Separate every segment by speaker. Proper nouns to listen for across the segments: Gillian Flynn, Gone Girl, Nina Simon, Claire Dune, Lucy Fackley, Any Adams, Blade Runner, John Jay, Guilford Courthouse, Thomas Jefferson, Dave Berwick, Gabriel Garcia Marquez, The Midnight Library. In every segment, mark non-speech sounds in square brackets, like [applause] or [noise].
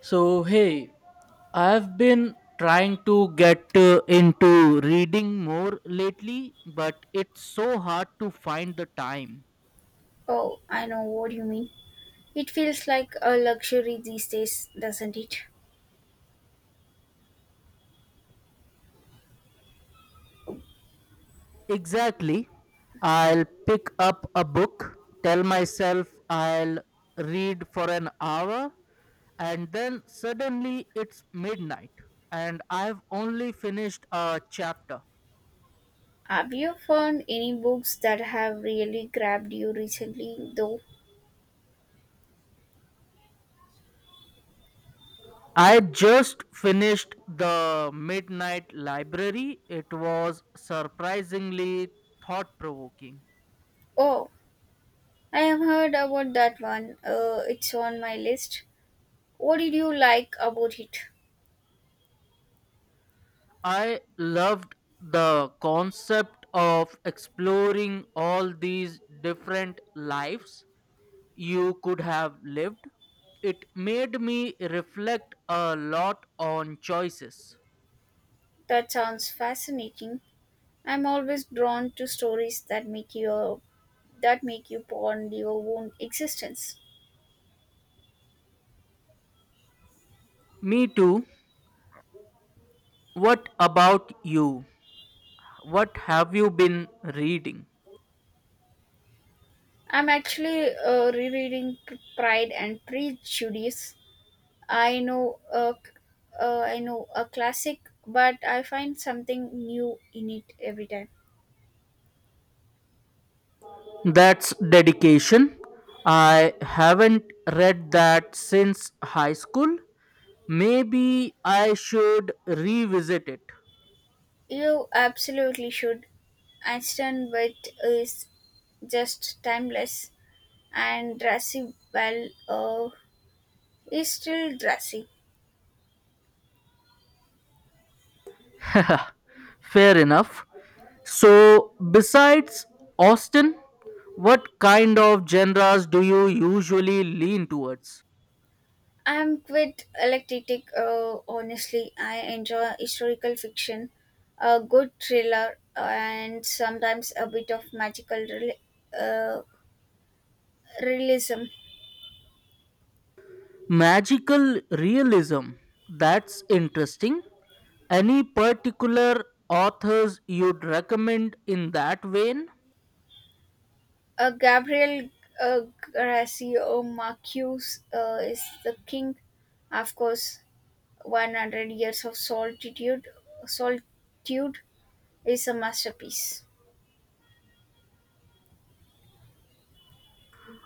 Speaker 1: So, hey, I've been trying to get into reading more lately, but it's so hard to find the time.
Speaker 2: Oh, I know what you mean. It feels like a luxury these days, doesn't it?
Speaker 1: Exactly. I'll pick up a book, tell myself I'll read for an hour, and then suddenly it's midnight, and I've only finished a chapter.
Speaker 2: Have you found any books that have really grabbed you recently, though?
Speaker 1: I just finished The Midnight Library. It was surprisingly thought provoking.
Speaker 2: Oh, I have heard about that one. It's on my list. What did you like about it?
Speaker 1: I loved the concept of exploring all these different lives you could have lived. It made me reflect a lot on choices.
Speaker 2: That sounds fascinating. I'm always drawn to stories that make you ponder your own existence.
Speaker 1: Me too. What about you? What have you been reading?
Speaker 2: I'm actually rereading Pride and Prejudice. I know a, I know a classic, but I find something new in it every time.
Speaker 1: That's dedication. I haven't read that since high school. Maybe I should revisit it.
Speaker 2: You absolutely should. Einstein Wit is just timeless, and Drassi Bell is still Drassi.
Speaker 1: [laughs] Fair enough. So, besides Austin, what kind of genres do you usually lean towards?
Speaker 2: I'm quite eclectic. Honestly, I enjoy historical fiction, a good thriller, and sometimes a bit of magical uh, realism.
Speaker 1: Magical realism. That's interesting. Any particular authors you'd recommend in that vein?
Speaker 2: Gabriel uh, Garcia Marquez is the king, of course. 100 Years of Solitude is a masterpiece.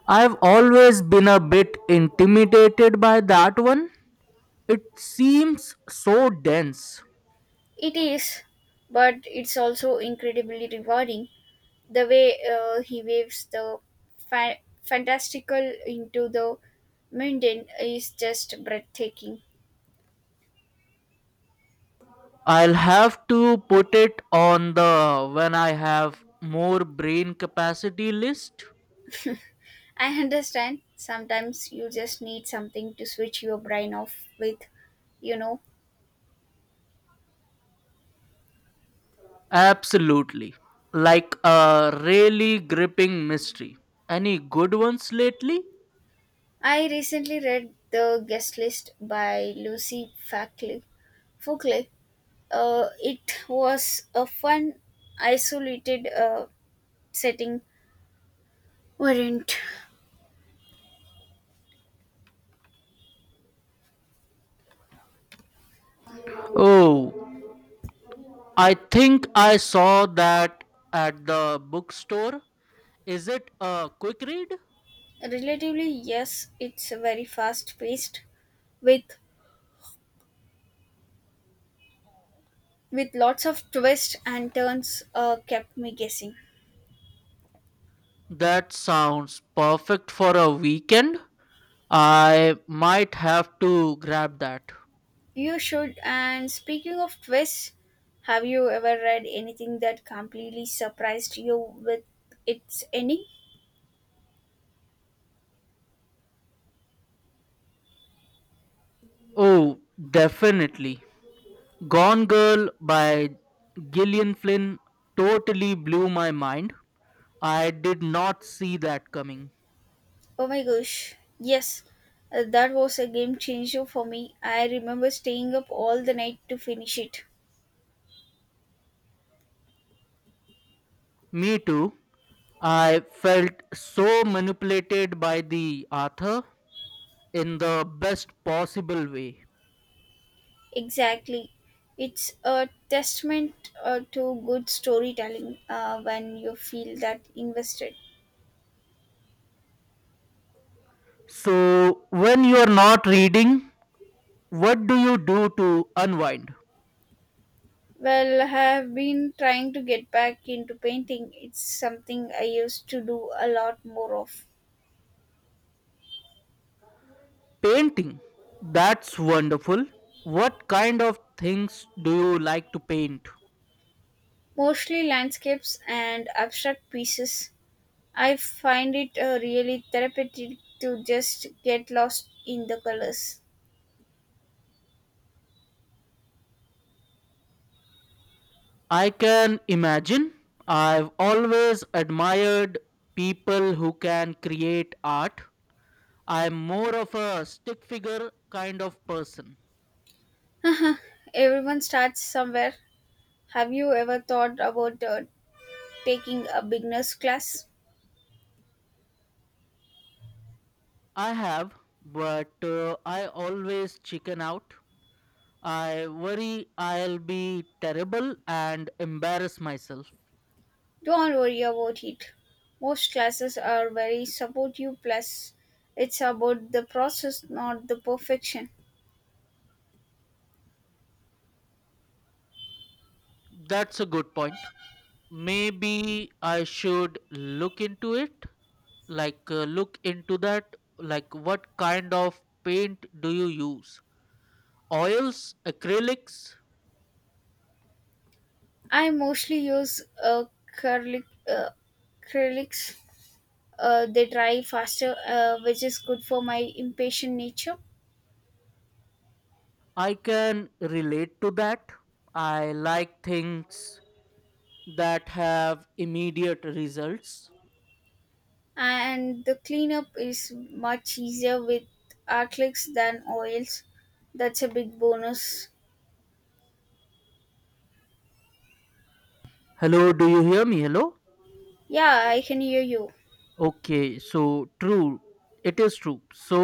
Speaker 1: I've always been a bit intimidated by that one. It seems so dense.
Speaker 2: It is, but it's also incredibly rewarding. The way he waves the fantastical into the mundane is just breathtaking.
Speaker 1: I'll have to put it on the when I have more brain capacity list.
Speaker 2: I understand sometimes you just need something to switch your brain off with, you know.
Speaker 1: Absolutely. Like a really gripping mystery. Any good ones lately?
Speaker 2: I recently read The Guest List by Lucy Fackley. Fockley. It was a fun, isolated setting, weren't
Speaker 1: Oh, I think I saw that at the bookstore. Is it a quick read?
Speaker 2: relatively yes. It's very fast paced with with lots of twists and turns. Kept me guessing.
Speaker 1: That sounds perfect for a weekend. I might have to grab that.
Speaker 2: You should. And speaking of twists, have you ever read anything that completely surprised you with its ending?
Speaker 1: Oh, definitely. Gone Girl by Gillian Flynn totally blew my mind. I did not see that coming.
Speaker 2: Oh my gosh, yes, that was a game changer for me. I remember staying up all the night to finish it.
Speaker 1: Me too. I felt so manipulated by the author in the best possible way.
Speaker 2: Exactly. It's a testament to good storytelling when you feel that invested.
Speaker 1: So, when you are not reading, what do you do to unwind?
Speaker 2: Well, I have been trying to get back into painting. It's something I used to do a lot more of.
Speaker 1: Painting. That's wonderful. What kind of things do you like to paint?
Speaker 2: Mostly landscapes and abstract pieces, I find it really therapeutic to just get lost in the colors.
Speaker 1: I can imagine. I've always admired people who can create art. I'm more of a stick figure kind of person.
Speaker 2: [laughs] Everyone starts somewhere. Have you ever thought about taking a beginner's class?
Speaker 1: I have, but I always chicken out. I worry I'll be terrible and embarrass myself.
Speaker 2: Don't worry about it. Most classes are very supportive, plus, it's about the process, not the perfection.
Speaker 1: That's a good point. Maybe I should look into it, like look into that. Like, what kind of paint do you use? Oils, acrylics?
Speaker 2: I mostly use curly, uh, acrylics. They dry faster, which is good for my impatient nature.
Speaker 1: I can relate to that. I like things that have immediate results.
Speaker 2: And the cleanup is much easier with acrylics than oils. That's a big bonus.
Speaker 1: Hello, do you hear me? Hello?
Speaker 2: Yeah, I can hear you.
Speaker 1: Okay, so true. It is true. So,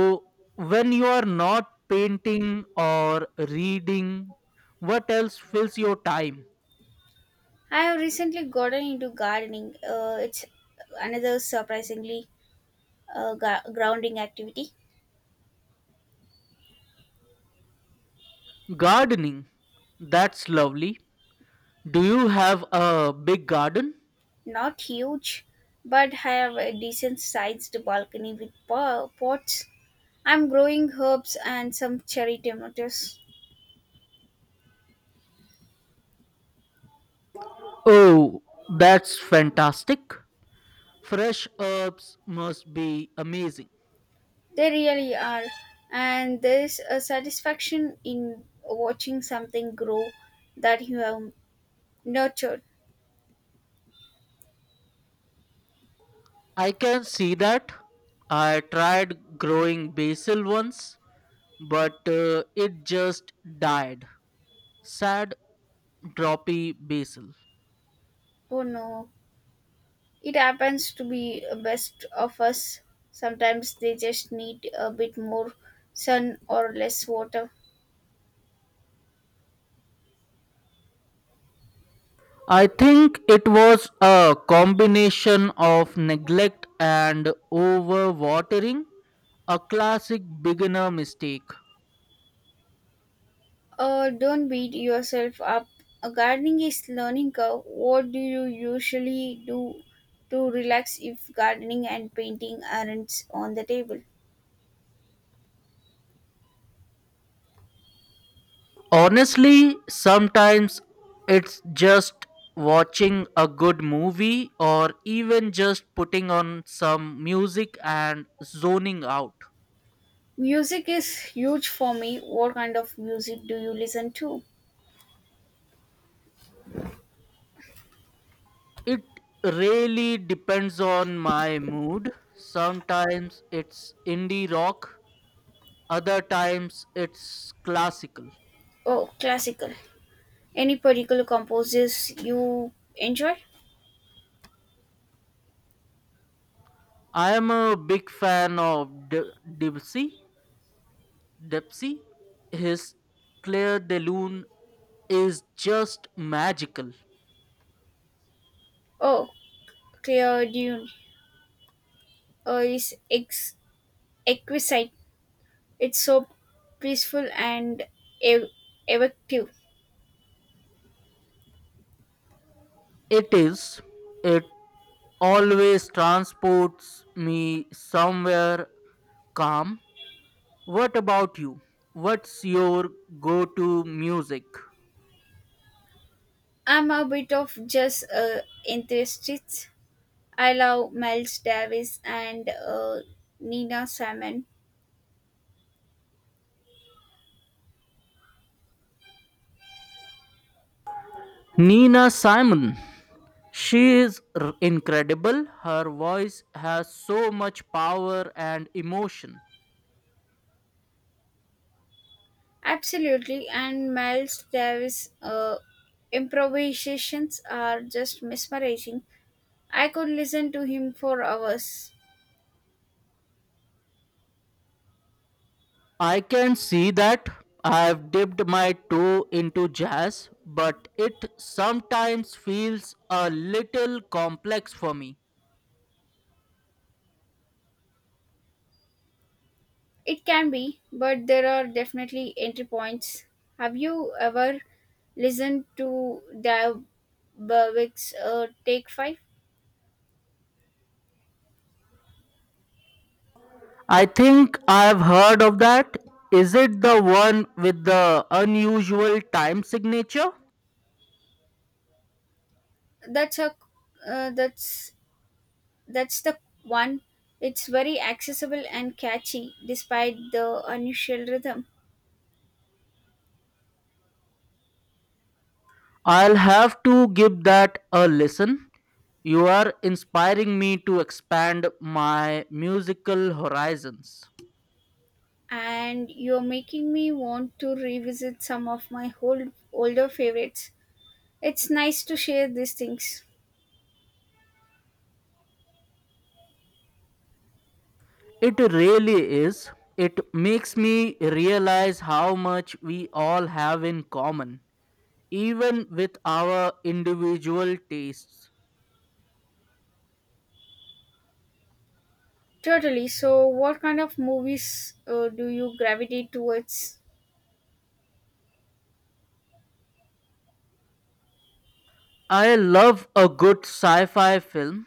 Speaker 1: when you are not painting or reading, what else fills your time?
Speaker 2: I have recently gotten into gardening. It's another surprisingly grounding activity.
Speaker 1: Gardening. That's lovely. Do you have a big garden?
Speaker 2: Not huge, but I have a decent sized balcony with pots. I'm growing herbs and some cherry tomatoes.
Speaker 1: Oh, that's fantastic. Fresh herbs must be amazing.
Speaker 2: They really are. And there's a satisfaction in watching something grow that you have nurtured.
Speaker 1: I can see that. I tried growing basil once, but it just died. Sad, droppy basil.
Speaker 2: Oh no, it happens to be a best of us. Sometimes they just need a bit more sun or less water.
Speaker 1: I think it was a combination of neglect and overwatering, a classic beginner mistake.
Speaker 2: Don't beat yourself up. A gardening is learning curve. What do you usually do to relax if gardening and painting aren't on the table?
Speaker 1: Honestly, sometimes it's just watching a good movie or even just putting on some music and zoning out.
Speaker 2: Music is huge for me. What kind of music do you listen to?
Speaker 1: It really depends on my mood. Sometimes it's indie rock, other times it's classical.
Speaker 2: Oh, classical. Any particular composers you enjoy?
Speaker 1: I am a big fan of Dipsy, his Claire de Lune is just magical.
Speaker 2: Oh, Claire Dune uh, is ex- exquisite. It's so peaceful and ev- evocative.
Speaker 1: It is. It always transports me somewhere calm. What about you? What's your go to music?
Speaker 2: I'm a bit of just enthusiast. I love Miles Davis and Nina Simon.
Speaker 1: Nina Simon. She is incredible. Her voice has so much power and emotion.
Speaker 2: Absolutely, and Miles Davis' improvisations are just mesmerizing. I could listen to him for hours.
Speaker 1: I can see that. I've dipped my toe into jazz, but it sometimes feels a little complex for me.
Speaker 2: It can be, but there are definitely entry points. Have you ever listened to Dave Berwick's Take Five?
Speaker 1: I think I've heard of that. Is it the one with the unusual time signature?
Speaker 2: That's a that's that's the one. It's very accessible and catchy, despite the unusual rhythm.
Speaker 1: I'll have to give that a listen. You are inspiring me to expand my musical horizons.
Speaker 2: And you're making me want to revisit some of my older favorites. It's nice to share these things.
Speaker 1: It really is. It makes me realize how much we all have in common, even with our individual tastes.
Speaker 2: Totally. So, what kind of movies do you gravitate towards?
Speaker 1: I love a good sci fi film.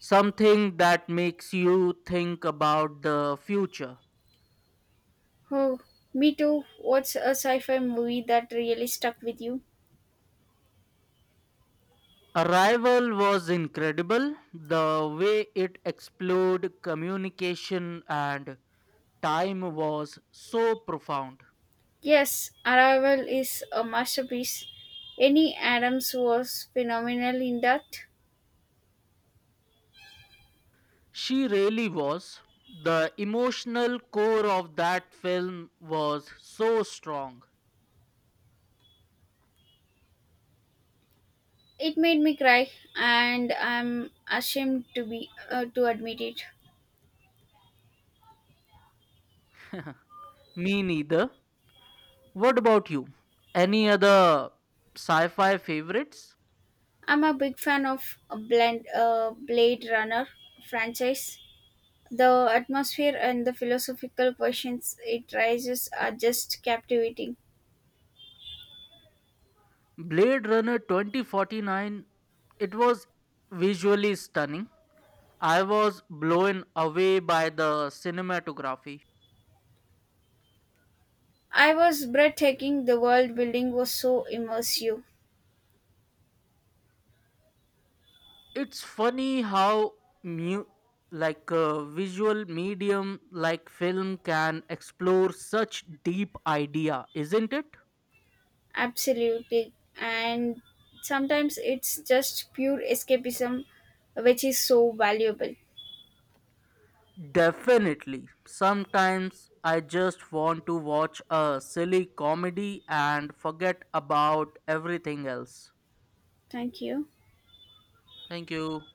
Speaker 1: Something that makes you think about the future.
Speaker 2: Oh, me too. What's a sci-fi movie that really stuck with you?
Speaker 1: Arrival was incredible. The way it explored communication and time was so profound.
Speaker 2: Yes, Arrival is a masterpiece. Any Adams was phenomenal in that.
Speaker 1: She really was. The emotional core of that film was so strong.
Speaker 2: It made me cry, and I'm ashamed to be to admit it.
Speaker 1: [laughs] Me neither. What about you? Any other sci fi favorites?
Speaker 2: I'm a big fan of a blend, Blade Runner franchise. The atmosphere and the philosophical questions it raises are just captivating.
Speaker 1: Blade Runner 2049, it was visually stunning. I was blown away by the cinematography.
Speaker 2: I was breathtaking. The world building was so immersive,
Speaker 1: It's funny how mu- like, a visual medium like film can explore such deep idea, isn't it?
Speaker 2: absolutely, and sometimes it's just pure escapism, which is so valuable.
Speaker 1: Definitely. Sometimes I just want to watch a silly comedy and forget about everything else.
Speaker 2: Thank you.
Speaker 1: Thank you.